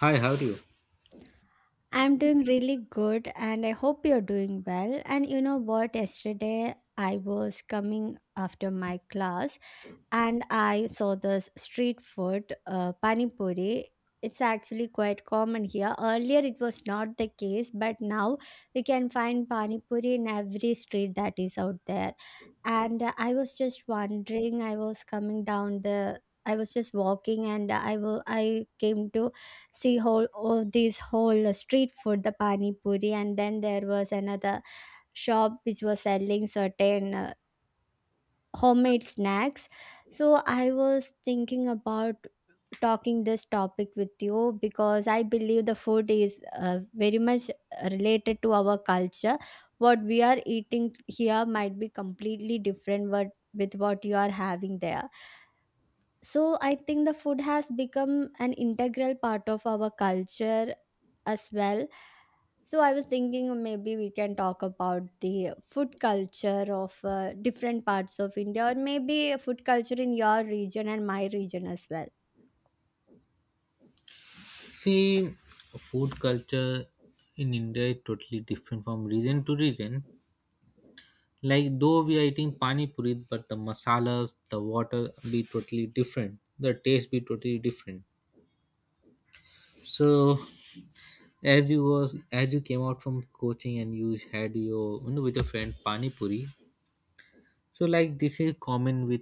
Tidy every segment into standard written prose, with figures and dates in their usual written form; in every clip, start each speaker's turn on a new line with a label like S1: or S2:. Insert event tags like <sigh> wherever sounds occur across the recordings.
S1: Hi, how do you?
S2: I'm doing really good and I hope you're doing well. And you know what? Yesterday I was coming after my class and I saw this street food, pani puri. It's actually quite common here. Earlier it was not the case, but now we can find pani puri in every street that is out there. And I was just wondering, I was coming down the I was just walking and I came to see whole oh, this whole street food, the pani puri, and then there was another shop which was selling certain homemade snacks. So I was thinking about talking this topic with you because I believe the food is very much related to our culture. What we are eating here might be completely different, what with what you are having there. So I think the food has become an integral part of our culture as well. So I was thinking maybe we can talk about the food culture of different parts of India, or maybe food culture in your region and my region as well.
S1: See, food culture in India is totally different from region to region. Like, though we are eating pani puri, but the masalas, the water be totally different. The taste be totally different. So, as you came out from coaching and you had your with your friend pani puri. So, like this is common with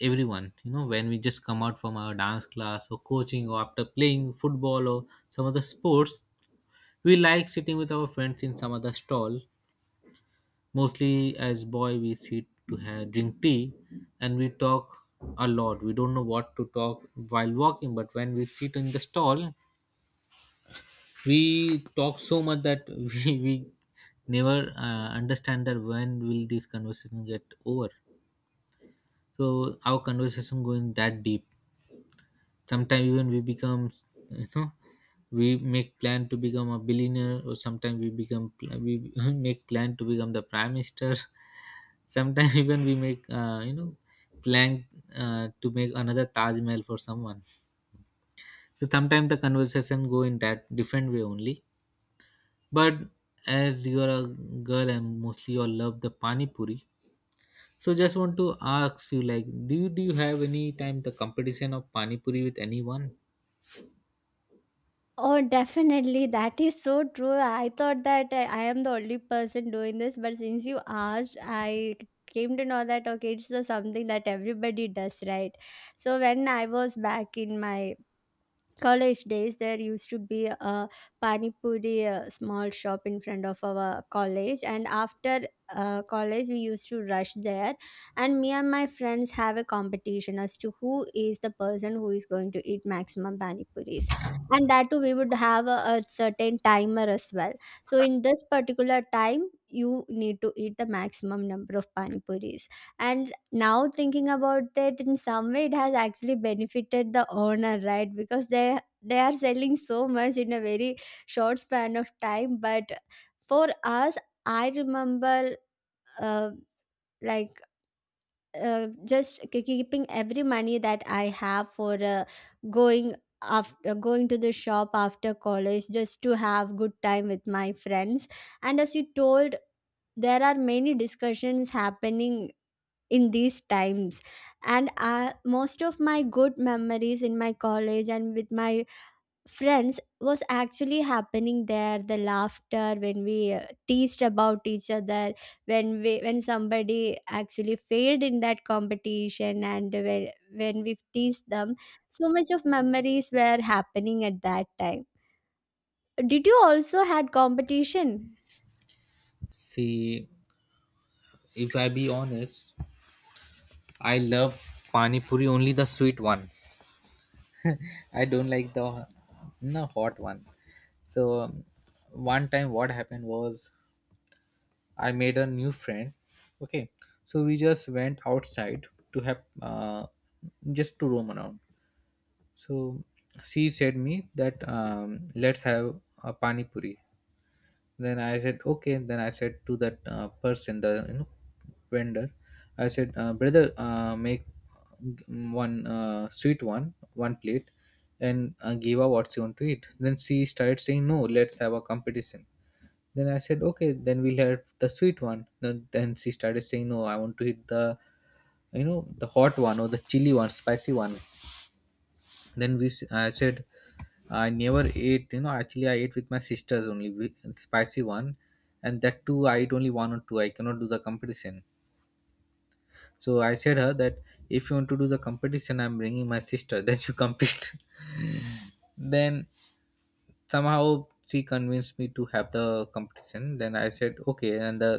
S1: everyone. You know, when we just come out from our dance class or coaching or after playing football or some other sports, we like sitting with our friends in some other stall. Mostly as boy we sit to have drink tea, and we talk a lot. We don't know what to talk while walking, but when we sit in the stall, we talk so much that <laughs> we never understand that when will this conversation get over. So our conversation going that deep. Sometimes even we become, you know we make plan to become a billionaire, or sometimes we <laughs> make plan to become the prime minister. Sometimes <laughs> even we make plan to make another Taj Mahal for someone. So sometimes the conversation go in that different way only. But as you are a girl and mostly you love the pani puri, so just want to ask you, like, do you have any time the competition of pani puri with anyone?
S2: Oh, definitely. That is so true. I thought that I am the only person doing this, but since you asked, I came to know that, okay, it's the something that everybody does, right? So when I was back in my college days, there used to be a pani puri small shop in front of our college, and after college we used to rush there, and me and my friends have a competition as to who is the person who is going to eat maximum pani puris. And that too, we would have a certain timer as well. So in this particular time you need to eat the maximum number of pani puris. And now thinking about it, in some way it has actually benefited the owner, right? Because they are selling so much in a very short span of time. But for us, I remember uh, like just keeping every money that I have for going, after going to the shop after college just to have good time with my friends. And as you told, there are many discussions happening in these times. And most of my good memories in my college and with my friends was actually happening there, the laughter when we teased about each other, when we, when somebody actually failed in that competition, and when we teased them, so much of memories were happening at that time. Did you also had competition?
S1: See, if I be honest, I love pani puri only the sweet one. I don't like the no hot one. So one time what happened was I made a new friend. Okay, so we just went outside to have, just to roam around. So she said me that, let's have a pani puri. Then I said, okay. Then I said to that person, the vendor, I said, brother, make one sweet one, one plate, and give her what she want to eat. Then she started saying, no, let's have a competition. Then I said, okay, then we'll have the sweet one. Then she started saying, no, I want to eat the the hot one or the chili one, spicy one. I said, I never ate, actually I ate with my sisters only, spicy one, and that too I ate only one or two. I cannot do the competition. So I said her that if you want to do the competition, I'm bringing my sister <laughs> that you compete. <laughs> Then somehow she convinced me to have the competition. Then I said, okay. And the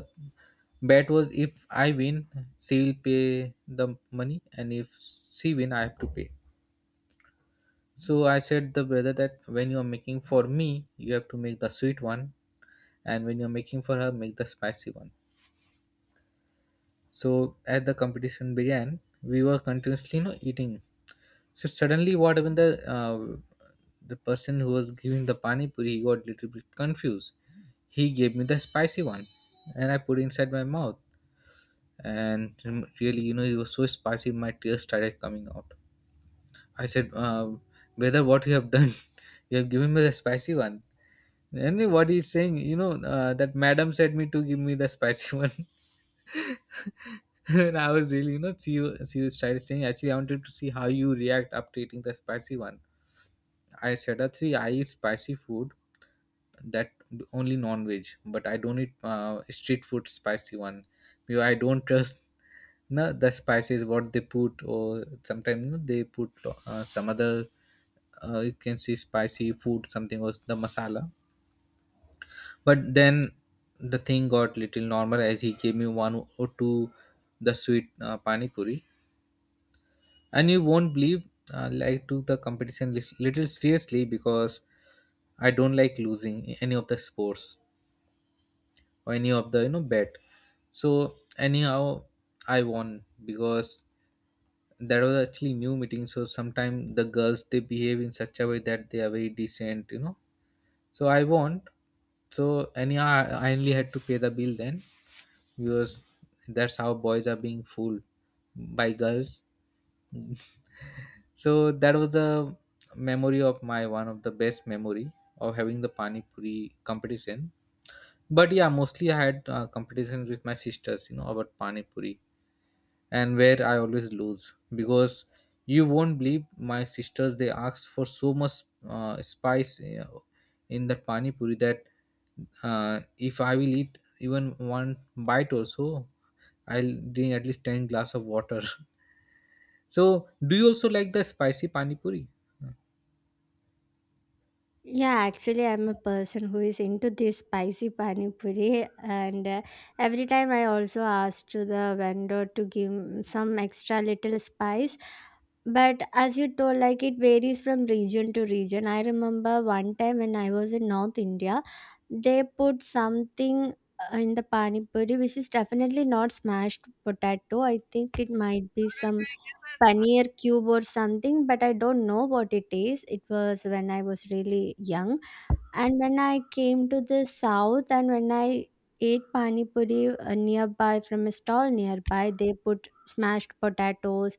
S1: bet was if I win, she will pay the money, and if she win, I have to pay. So I said the brother that when you are making for me, you have to make the sweet one, and when you are making for her, make the spicy one. So as the competition began, we were continuously, eating. So suddenly, what happened? The person who was giving the pani puri, he got little bit confused. He gave me the spicy one, and I put inside my mouth. And really, it was so spicy, my tears started coming out. I said, "Brother, what you have done? <laughs> you have given me the spicy one." And what he's saying, that madam said me to give me the spicy <laughs> one. And I was really, she was trying to saying, actually, I wanted to see how you react after eating the spicy one. I said, actually, I eat spicy food, that only non-veg, but I don't eat street food spicy one. Because I don't trust no the spices what they put, or sometimes, they put some other, you can say spicy food something or the masala. But then the thing got little normal as he gave me one or two the sweet pani puri, and you won't believe, like, took the competition little seriously because I don't like losing in any of the sports or any of the bet. So anyhow, I won because that was actually new meeting. So sometimes the girls they behave in such a way that they are very decent. So I won. So anyhow, I only had to pay the bill then, because that's how boys are being fooled by girls. So that was the memory of my one of the best memory of having the pani puri competition. But yeah, mostly I had competitions with my sisters, about pani puri, and where I always lose because you won't believe, my sisters they ask for so much spice in that pani puri that, if I will eat even one bite also, I'll drink at least 10 glass of water. <laughs> So do you also like the spicy pani puri?
S2: Yeah, actually, I'm a person who is into this spicy pani puri, and every time I also ask to the vendor to give some extra little spice. But as you told, like, it varies from region to region. I remember one time when I was in North India, they put something in the pani puri, which is definitely not smashed potato. I think it might be some paneer cube or something, but I don't know what it is. It was when I was really young, and when I came to the south, and when I ate pani puri nearby, from a stall nearby, they put smashed potatoes,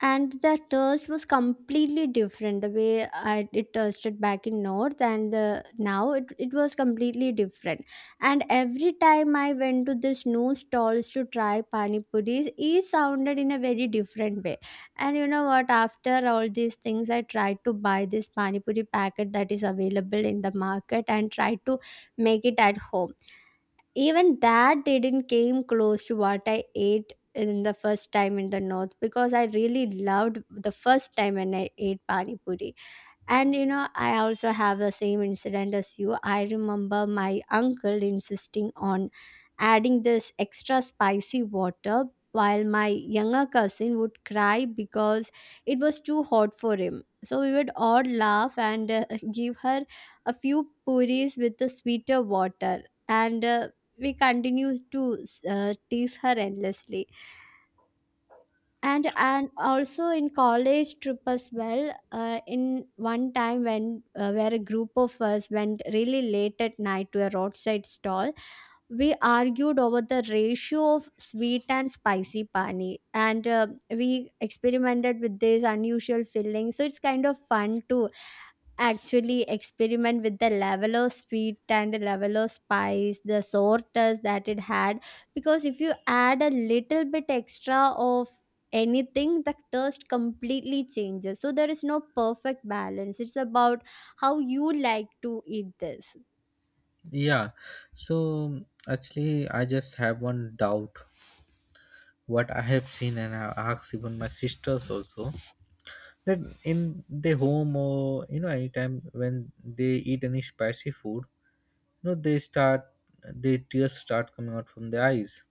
S2: and the taste was completely different. The way I, it tasted back in north, and the now it was completely different. And every time I went to this new stalls to try pani puris, it sounded in a very different way. And you know what, after all these things, I tried to buy this pani puri packet that is available in the market and tried to make it at home. Even that didn't came close to what I ate in the first time in the north, because I really loved the first time when I ate pani puri. And you know, I also have the same incident as you. I remember my uncle insisting on adding this extra spicy water while my younger cousin would cry because it was too hot for him. So we would all laugh, and <laughs> give her a few puris with the sweeter water. And we continued to tease her endlessly. And also in college trip as well, in one time when where a group of us went really late at night to a roadside stall, we argued over the ratio of sweet and spicy pani, and we experimented with this unusual filling. So it's kind of fun to actually experiment with the level of sweet and the level of spice, the sorters that it had. Because if you add a little bit extra of anything, the taste completely changes. So there is no perfect balance. It's about how you like to eat this.
S1: Yeah. So actually I just have one doubt what I have seen, and I asked even my sisters also that in the home or, anytime when they eat any spicy food, they start their tears start coming out from their eyes.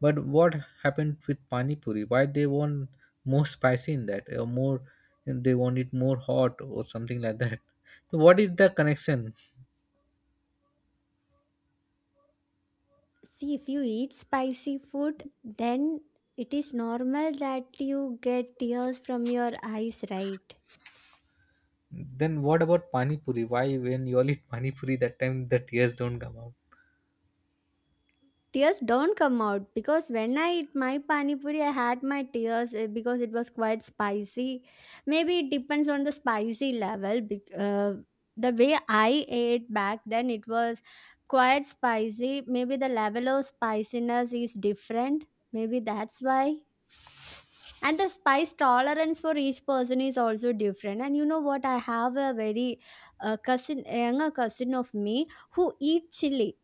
S1: But what happened with pani puri? Why they want more spicy in that, or more, they want it more hot or something like that? So what is the connection?
S2: See, if you eat spicy food, then it is normal that you get tears from your eyes, right?
S1: Then what about pani puri? Why when you all eat pani puri that time the tears don't come out?
S2: Tears don't come out, because when I eat my pani puri, I had my tears because it was quite spicy. Maybe it depends on the spicy level. The way I ate back then, it was quite spicy. Maybe the level of spiciness is different. Maybe that's why. And the spice tolerance for each person is also different. And you know what? I have a very cousin, younger cousin of me who eat chili.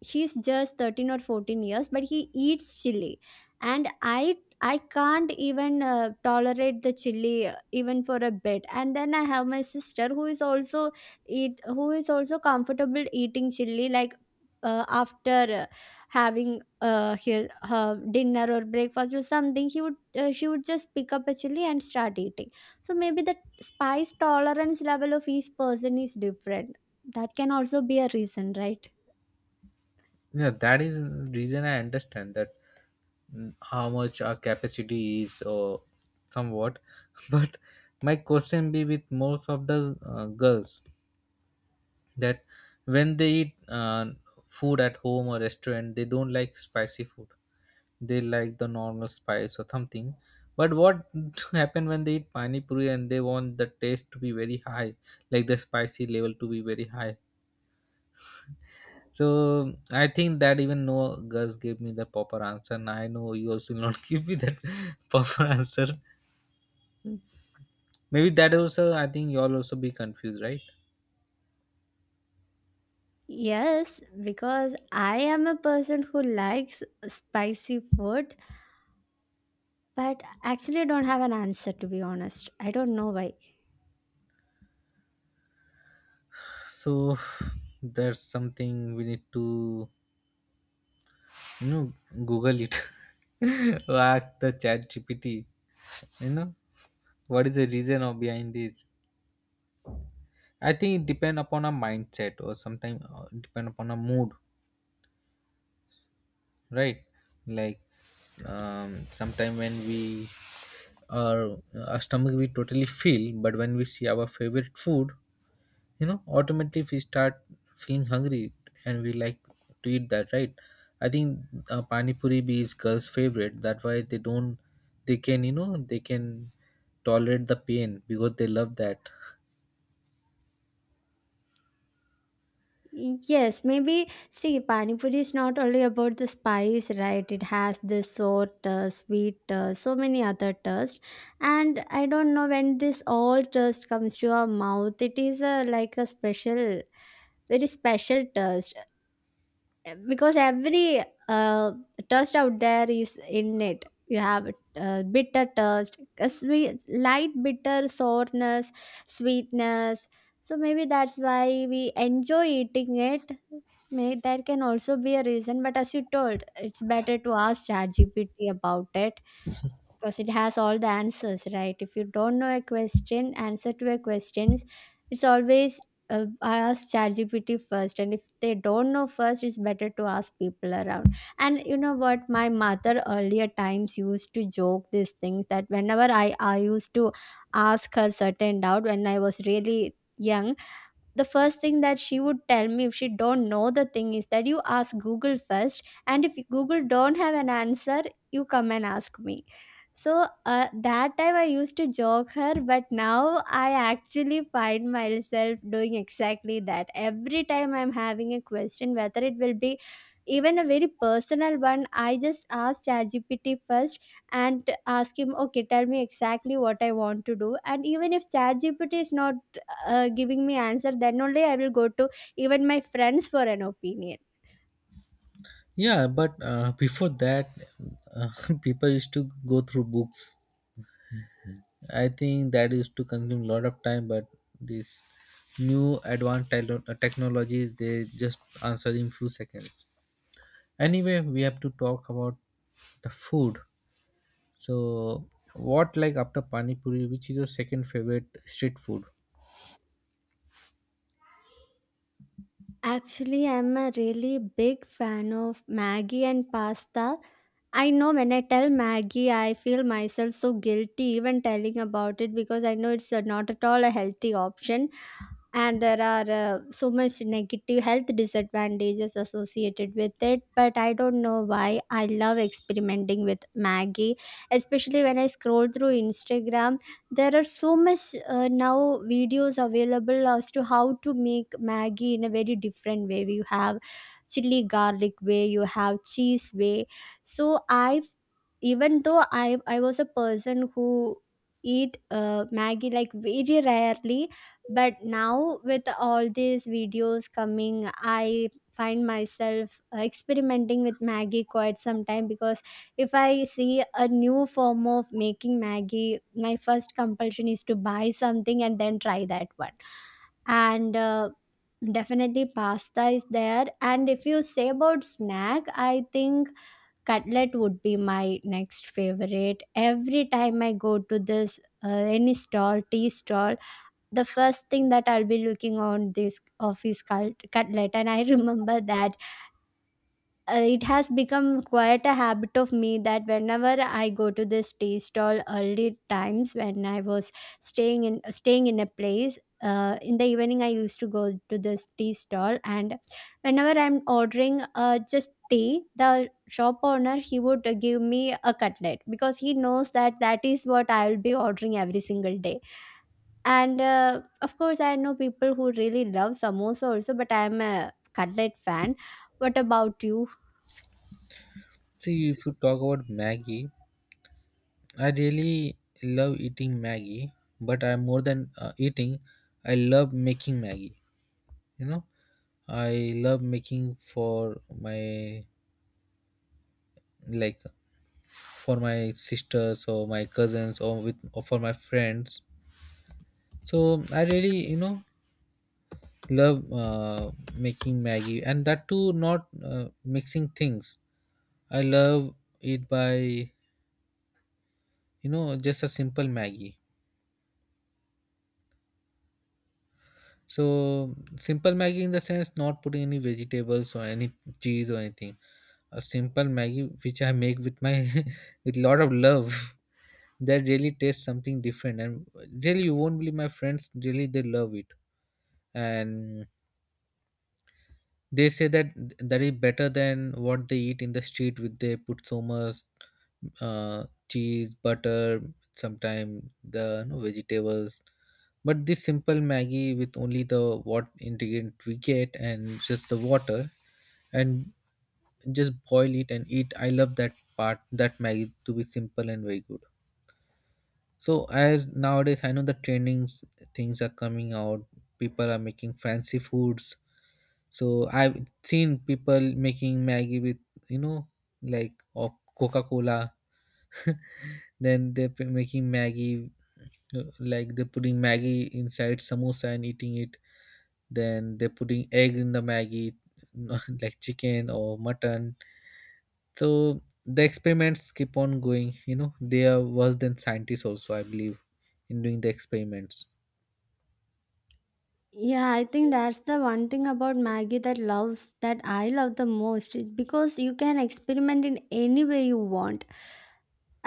S2: He's just 13 or 14 years, but he eats chili. And I can't even tolerate the chili even for a bit. And then I have my sister who is also eat who is also comfortable eating chili. Like, after having her dinner or breakfast or something, he would she would just pick up a chili and start eating. So maybe the spice tolerance level of each person is different. That can also be a reason, right?
S1: Yeah, that is reason I understand that, how much our capacity is or somewhat. <laughs> But my question be with most of the girls that when they eat food at home or restaurant, they don't like spicy food. They like the normal spice or something. But what <laughs> happen when they eat pani puri and they want the taste to be very high, like the spicy level to be very high? So I think that even no girls gave me the proper answer. And I know you also will not <laughs> give me that <laughs> proper answer. Maybe that also I think you all also be confused, right?
S2: Yes, because I am a person who likes spicy food, but actually don't have an answer, to be honest. I don't know why.
S1: So there's something we need to, you know Google it. <laughs> Or ask the chat GPT. You know? What is the reason of behind this? I think it depend upon a mindset, or sometimes depend upon a mood. Right, like, sometime when we, our our stomach we totally feel, but when we see our favorite food, automatically we start feeling hungry, and we like to eat that, right? I think pani puri be is girls favorite, that why they don't, they can tolerate the pain because they love that.
S2: Yes, maybe, see, pani puri is not only about the spice, right? It has this sour taste, sweet taste, so many other tastes. And I don't know, when this all taste comes to your mouth, it is a like a special, very special taste. Because every touch out there is in it. You have bitter touch, a sweet, light, bitter sourness, sweetness, so maybe that's why we enjoy eating it. May, there can also be a reason, but as you told, it's better to ask ChatGPT about it, because it has all the answers, right? If you don't know a question, answer to a questions, it's always I ask ChatGPT first, and if they don't know first, it's better to ask people around. And you know what? My mother earlier times used to joke these things, that whenever I used to ask her certain doubt when I was really young, the first thing that she would tell me, if she don't know the thing, is that you ask Google first, and if Google don't have an answer, you come and ask me. So that time I used to joke her, but now I actually find myself doing exactly that. Every time I'm having a question, whether it will be even a very personal one, I just ask ChatGPT first, and ask him, okay, tell me exactly what I want to do. And even if ChatGPT is not giving me answer, then only I will go to even my friends for an opinion.
S1: Yeah, but <laughs> before that, uh, <laughs> people used to go through books. I think that used to consume a lot of time, but this new advanced technologies, they just answer in few seconds. Anyway, we have to talk about the food. So, what, like, after pani puri, which is your second favorite street food?
S2: Actually, I'm a really big fan of Maggie and pasta. I know when I tell Maggie, I feel myself so guilty even telling about it, because I know it's not at all a healthy option, and there are so much negative health disadvantages associated with it. But I don't know why I love experimenting with Maggie, especially when I scroll through Instagram. There are so much now videos available as to how to make Maggie in a very different way. You have chili garlic way, you have cheese way. So I've, even though I was a person who eat Maggie like very rarely, but now with all these videos coming, I find myself experimenting with Maggie quite some time. Because if I see a new form of making Maggie, my first compulsion is to buy something and then try that one. And definitely pasta is there. And if you say about snack, I think cutlet would be my next favorite. Every time I go to this any stall, tea stall, the first thing that I'll be looking on this office cutlet. And I <laughs> remember that it has become quite a habit of me that whenever I go to this tea stall, early times when I was staying in a place. In the evening, I used to go to this tea stall, and whenever I'm ordering just tea, the shop owner he would give me a cutlet because he knows that that is what I will be ordering every single day. And of course, I know people who really love samosa also, but I'm a cutlet fan. What about you?
S1: See, if you talk about Maggie, I really love eating Maggie, but I'm more than eating. I love making Maggie. You know, I love making like for my sisters or my cousins, or for my friends. So I really, love uh, making Maggie, and that too not uh, mixing things. I love it by, just a simple Maggie. So simple Maggie in the sense, not putting any vegetables or any cheese or anything, a simple Maggie which I make with my <laughs> with lot of love, that really tastes something different. And really, you won't believe, my friends really they love it. And they say that that is better than what they eat in the street, with they put so much uh, cheese, butter, sometimes the, vegetables. But this simple Maggie with only the what ingredient we get and just the water, and just boil it and eat. I love that part, that Maggie to be simple and very good. So as nowadays I know the trending things are coming out, people are making fancy foods. So I've seen people making Maggie with, you know like, or Coca Cola. <laughs> Then making Maggie like, they're putting Maggie inside samosa and eating it. Then they're putting egg in the Maggie, <laughs> like chicken or mutton. So the experiments keep on going. You know they are worse than scientists also. I believe in doing the experiments.
S2: Yeah, I think that's the one thing about Maggie that loves that I love the most because you can experiment in any way you want.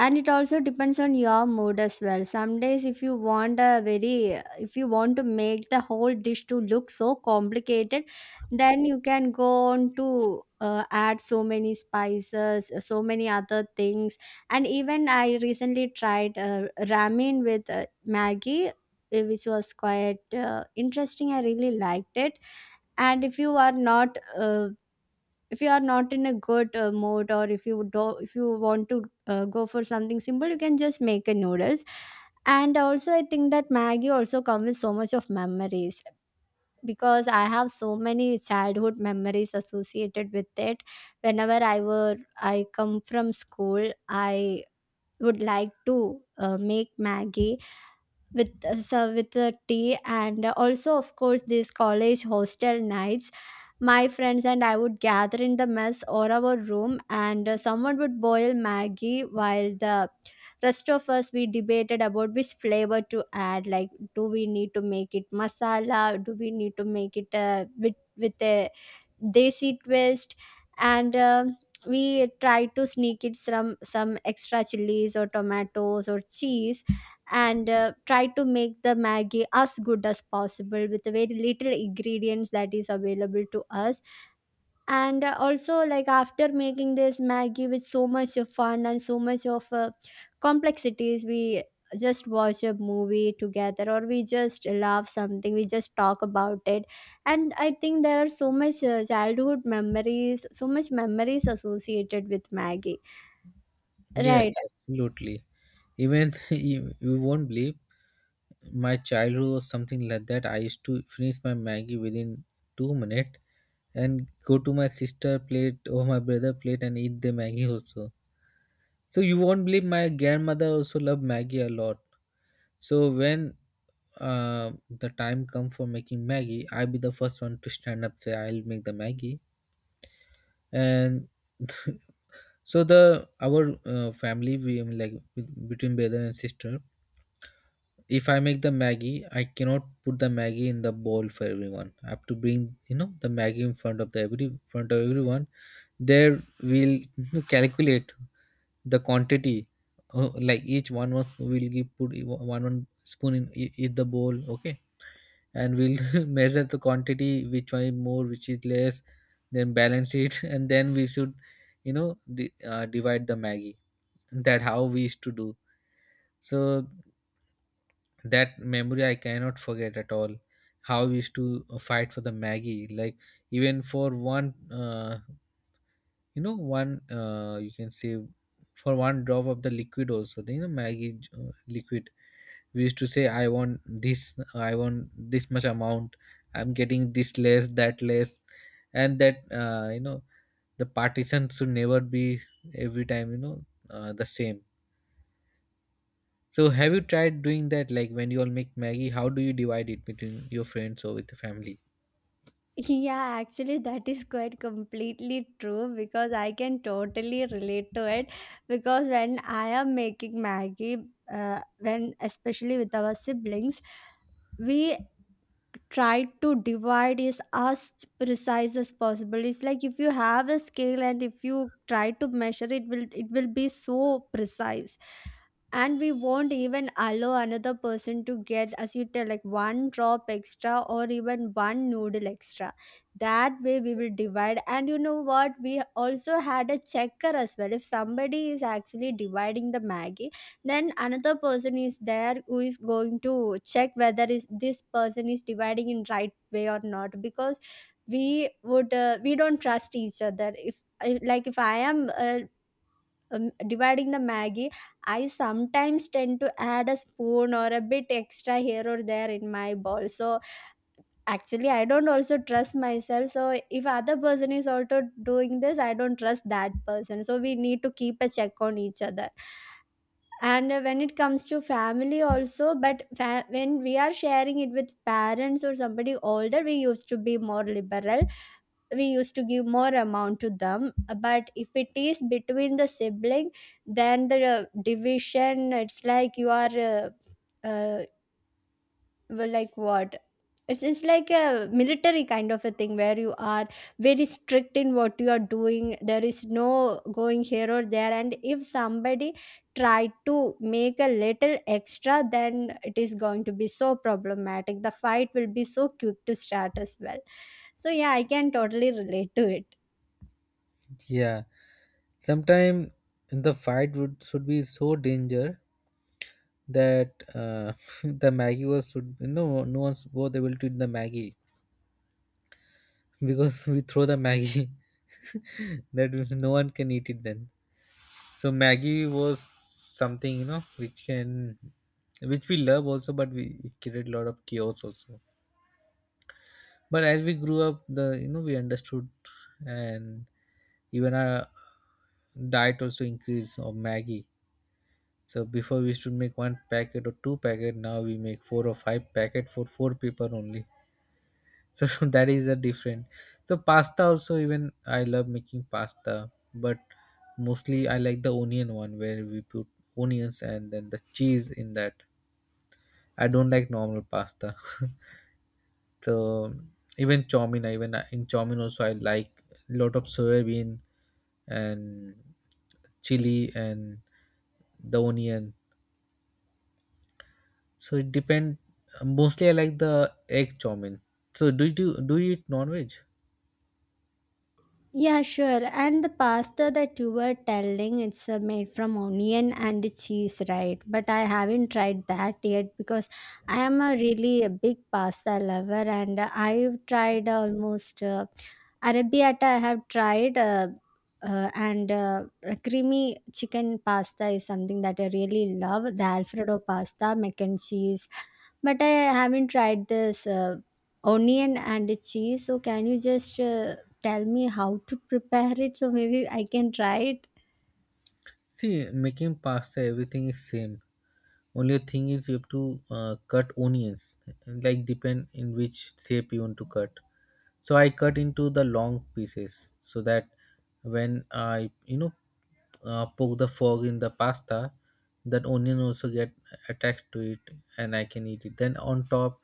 S2: And it also depends on your mood as well. Some days if you want a very, if you want to make the whole dish to look so complicated, then you can go on to add so many spices, so many other things. And even I recently tried ramen with maggie, which was quite interesting. I really liked it. And if you are not if you are not in a good mood, or if you do, if you want to go for something simple, you can just make a noodles. And also I think that maggie also comes with so much of memories because I have so many childhood memories associated with it. Whenever I were I come from school, I would like to make maggie with tea, and also of course these college hostel nights, my friends and I would gather in the mess or our room, and someone would boil maggie while the rest of us, we debated about which flavor to add. Like, do we need to make it masala, do we need to make it with a desi twist? And we tried to sneak it some extra chilies or tomatoes or cheese, and try to make the maggi as good as possible with the very little ingredients that is available to us. And also, like, after making this maggi with so much of fun and so much of complexities, we just watch a movie together, or we just love something, we just talk about it. And I think there are so much childhood memories, so much memories associated with maggie,
S1: Yes,
S2: right?
S1: absolutely. Even <laughs> you won't believe, my childhood was something like that. I used to finish my Maggie within 2 minutes and go to my sister plate or my brother plate and eat the Maggie also. So you won't believe, my grandmother also loved Maggie a lot. So when the time come for making Maggie, I'll be the first one to stand up say I'll make the Maggie and <laughs> so the our family we between brother and sister, if I make the Maggie, I cannot put the Maggie in the bowl for everyone. I have to bring the Maggie in front of the every front of everyone. There we'll <laughs> calculate the quantity. Like each one was will give put one one spoon in each the bowl. Okay, and we'll <laughs> measure the quantity, which one is more, which is less. Then balance it, <laughs> and then we should you know divide the Maggie. That how we used to do. So that memory I cannot forget at all, how we used to fight for the Maggie, like even for one you can say, for one drop of the liquid also, the Maggie liquid. We used to say I want this, I want this much amount. I'm getting this less, that less. And that you know the partition should never be every time, the same. So have you tried doing that? Like when you all make Maggie, how do you divide it between your friends or with the family?
S2: Yeah, actually, that is quite completely true because I can totally relate to it. Because when I am making Maggie, when especially with our siblings, we tried to divide is as precise as possible. It's like if you have a scale and if you try to measure it, will it will be so precise. And we won't even allow another person to get, as you tell, like one drop extra or even one noodle extra. That way we will divide. And you know what, we also had a checker as well. If somebody is actually dividing the maggie, then another person is there who is going to check whether is this person is dividing in right way or not, because we would we don't trust each other. If like if I am dividing the maggie, I sometimes tend to add a spoon or a bit extra here or there in my bowl. So actually I don't also trust myself. So if other person is also doing this, I don't trust that person, so we need to keep a check on each other. And when it comes to family also, but when we are sharing it with parents or somebody older, we used to be more liberal. We used to give more amount to them. But if it is between the sibling, then the division, it's like you are uh, well, like what, it's like a military kind of a thing where you are very strict in what you are doing. There is no going here or there. And if somebody tried to make a little extra, then it is going to be so problematic. The fight will be so quick to start as well. So, yeah, I can totally relate to it.
S1: Yeah, sometimes the fight would should be so danger that <laughs> the Maggie was should, no, no one was able to eat the Maggie because <laughs> we throw the Maggie <laughs> that no one can eat it then. So Maggie was something which we love also, but we it created a lot of chaos also. But as we grew up, the you know we understood, and even our diet also increased of Maggie. So before we used to make one packet or two packet, now we make four or five packet for four people only. <laughs> So, that is the different. So pasta also, even I love making pasta, but mostly I like the onion one where we put onions and then the cheese in that. I don't like normal pasta. <laughs> So even chow mein, even in chow mein also I like lot of soybean and chili and the onion. So it depend. Mostly I like the egg chow mein. So do you eat non veg?
S2: Yeah, sure. And the pasta that you were telling, it's made from onion and cheese, right? But I haven't tried that yet because I am a really a big pasta lover, and I've tried almost arrabbiata. I have tried. And a creamy chicken pasta is something that I really love. The Alfredo pasta, mac and cheese, but I haven't tried this onion and cheese. So can you just tell me how to prepare it, so maybe I can try it?
S1: See, making pasta everything is same. Only thing is you have to cut onions, like depend in which shape you want to cut. So I cut into the long pieces so that when I poke the fork in the pasta, that onion also get attached to it and I can eat it. Then on top,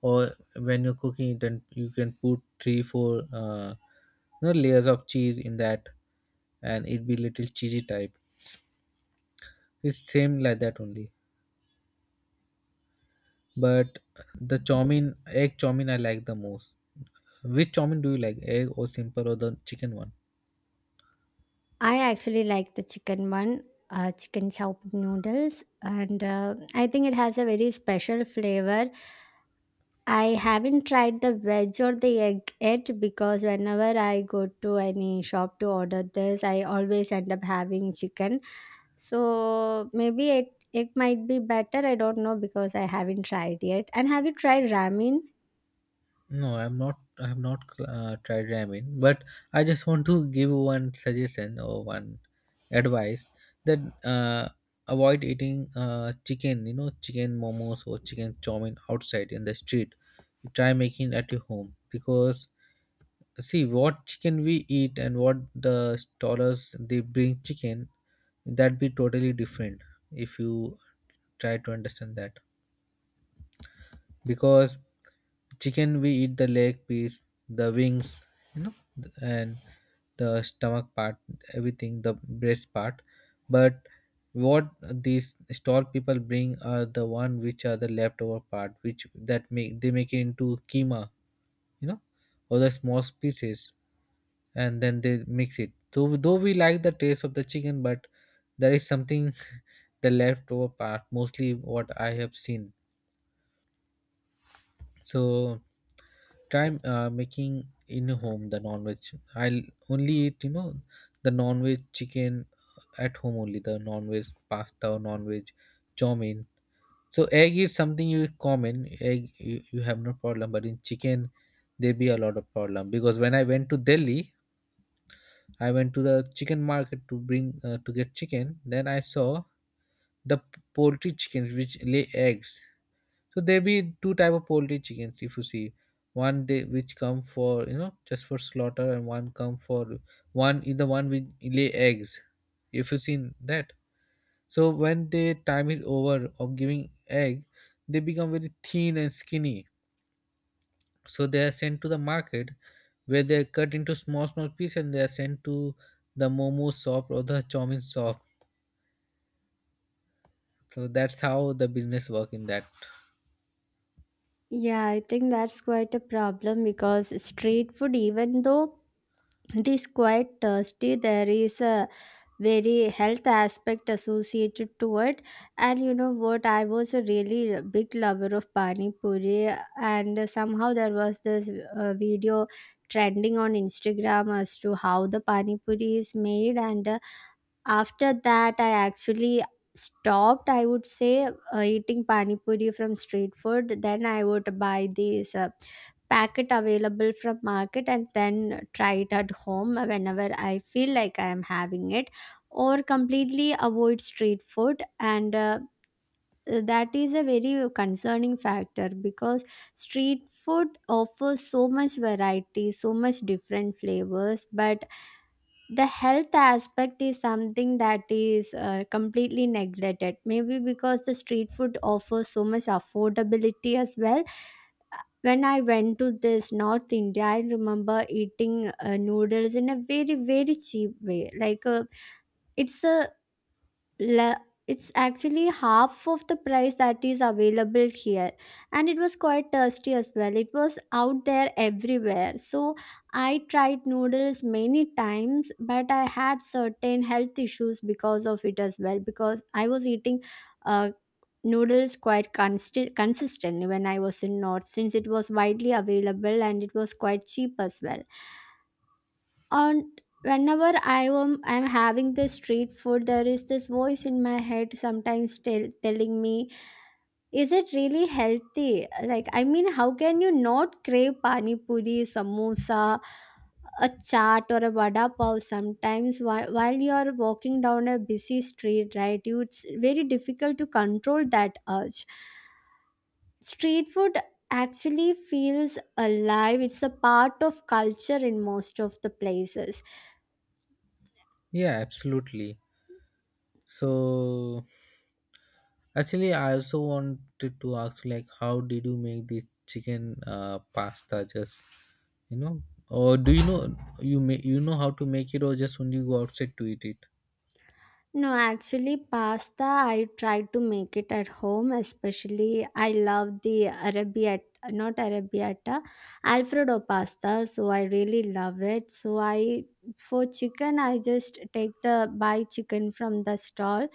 S1: or when you're cooking it, then you can put three four layers of cheese in that, and it be little cheesy type. It's same like that only. But the chowmin, egg chowmin, I like the most. Which chowmin do you like, egg or simple or the chicken one?
S2: I actually like the chicken one, chicken chow noodles, and I think it has a very special flavor. I haven't tried the veg or the egg yet because whenever I go to any shop to order this, I always end up having chicken. So maybe it might be better. I don't know because I haven't tried yet. And have you tried ramen?
S1: No, I'm not. I have not tried ramen, but I just want to give one suggestion or one advice that uh, avoid eating chicken. You know, chicken momos or chicken chowmin outside in the street. Try making at your home, because see what chicken we eat and what the stallers they bring chicken, that be totally different. If you try to understand that, because chicken we eat the leg piece, the wings, you know and the stomach part, everything, the breast part. But what these stall people bring are the one which are the leftover part, which that make they make it into keema, you know or the small pieces, and then they mix it. Though we like the taste of the chicken, but there is something, <laughs> the leftover part mostly what I have seen. So try making in home the non-veg. I'll only eat the non-veg chicken at home only, the non-veg pasta or non-veg chow mein. So egg is something you common egg you have no problem, but in chicken there be a lot of problem. Because when I went to Delhi, I went to the chicken market to bring to get chicken. Then I saw the poultry chickens which lay eggs. So there be two type of poultry chickens, if you see. One they which come for you know just for slaughter and one come for one is the one which lay eggs. If you seen that, so when their time is over of giving egg, they become very thin and skinny. So they are sent to the market where they are cut into small small pieces, and they are sent to the momo shop or the chowmin shop. So that's how the business work in that.
S2: Yeah, I think that's quite a problem because street food, even though it is quite tasty, there is a very health aspect associated to it. And you know what? I was a really big lover of pani puri, and somehow there was this video trending on Instagram as to how the pani puri is made. And after that I actually stopped, I would say, eating pani puri from street food. Then I would buy these packet available from market and then try it at home whenever I feel like I am having it, or completely avoid street food. And that is a very concerning factor, because street food offers so much variety, so much different flavors, but the health aspect is something that is completely neglected, maybe because the street food offers so much affordability as well. When I went to this north India, I remember eating noodles in a very very cheap way, like, it's a le- it's actually half of the price that is available here, and it was quite tasty as well. It was out there everywhere. So I tried noodles many times, but I had certain health issues because of it as well, because I was eating uh, noodles quite consistently when I was in north, since it was widely available and it was quite cheap as well. And whenever I'm having this street food, there is this voice in my head sometimes telling me, is it really healthy? Like, I mean, how can you not crave pani puri, samosa, a chaat or a vada pav sometimes while you're walking down a busy street, right? You, it's very difficult to control that urge. Street food actually feels alive. It's a part of culture in most of the places.
S1: Yeah, absolutely. So actually, I also wanted to ask like, how did you make this chicken pasta? Just you know, or do you know you know how to make it, or just only go outside to eat it?
S2: No, actually, pasta, I try to make it at home, especially I love the Arabiata, not Arabiata, Alfredo pasta. So I really love it. So I, for chicken, I just take the, buy chicken from the stall.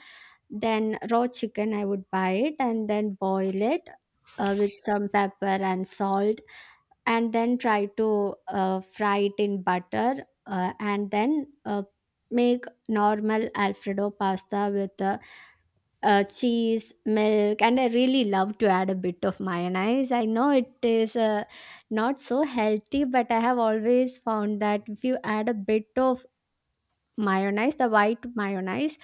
S2: Then raw chicken, I would buy it and then boil it with some pepper and salt, and then try to fry it in butter, and then make normal alfredo pasta with cheese, milk. And I really love to add a bit of mayonnaise. I know it is not so healthy, but I have always found that if you add a bit of mayonnaise, the white mayonnaise,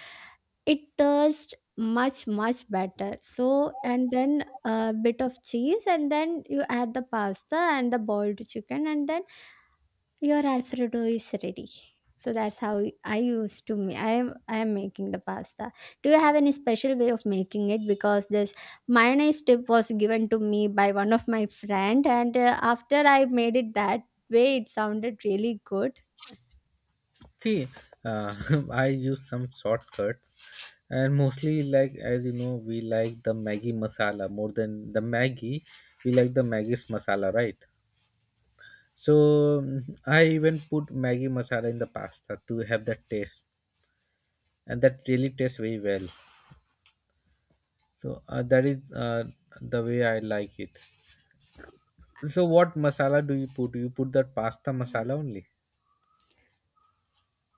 S2: it tastes much much better. So, and then a bit of cheese, and then you add the pasta and the boiled chicken, and then your alfredo is ready. So that's how I used to I am, I am making the pasta. Do you have any special way of making it? Because this mayonnaise tip was given to me by one of my friend, and after I made it that way, it sounded really good.
S1: See, uh, <laughs> I use some shortcuts, and mostly like as you know, we like the Maggi masala more than the Maggi. We like the Maggi's masala, right? So mm, I even put Maggi masala in the pasta to have that taste, and that really tastes very well. So that is the way I like it. So what masala do you put? You put that pasta masala only?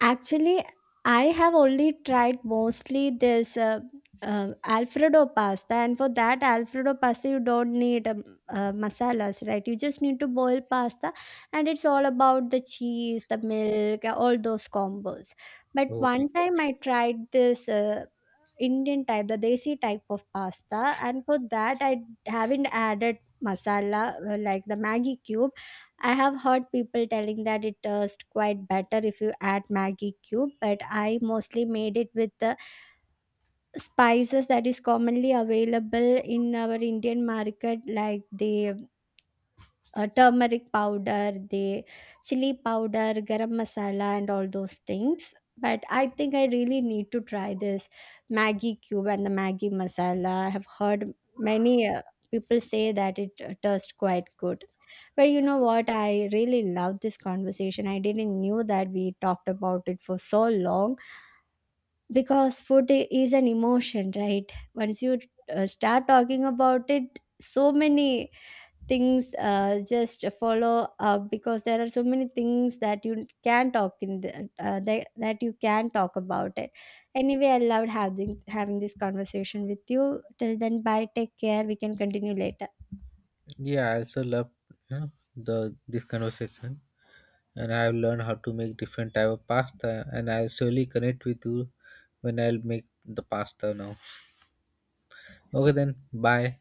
S2: Actually, I have only tried mostly this Alfredo pasta, and for that Alfredo pasta, you don't need masalas, right? You just need to boil pasta, and it's all about the cheese, the milk, all those combos. But
S1: Oh my
S2: one
S1: God.
S2: time I tried this. Indian type, the desi type of pasta, and for that I haven't added masala, like the Maggi cube. I have heard people telling that it tastes quite better if you add Maggi cube, but I mostly made it with the spices that is commonly available in our Indian market, like the turmeric powder, the chili powder, garam masala, and all those things. But I think I really need to try this maggi cube and the maggi masala. I have heard many people say that it tastes quite good. But you know what? I really love this conversation. I didn't knew that we talked about it for so long, because food is an emotion, right? Once you start talking about it, so many things just follow up, because there are so many things that you can talk in the, that you can talk about it. Anyway, I loved having this conversation with you. Till then, bye, take care. We can continue later.
S1: Yeah, I also love the this conversation, and I have learned how to make different type of pasta, and I'll surely connect with you when I'll make the pasta now. Okay, then bye.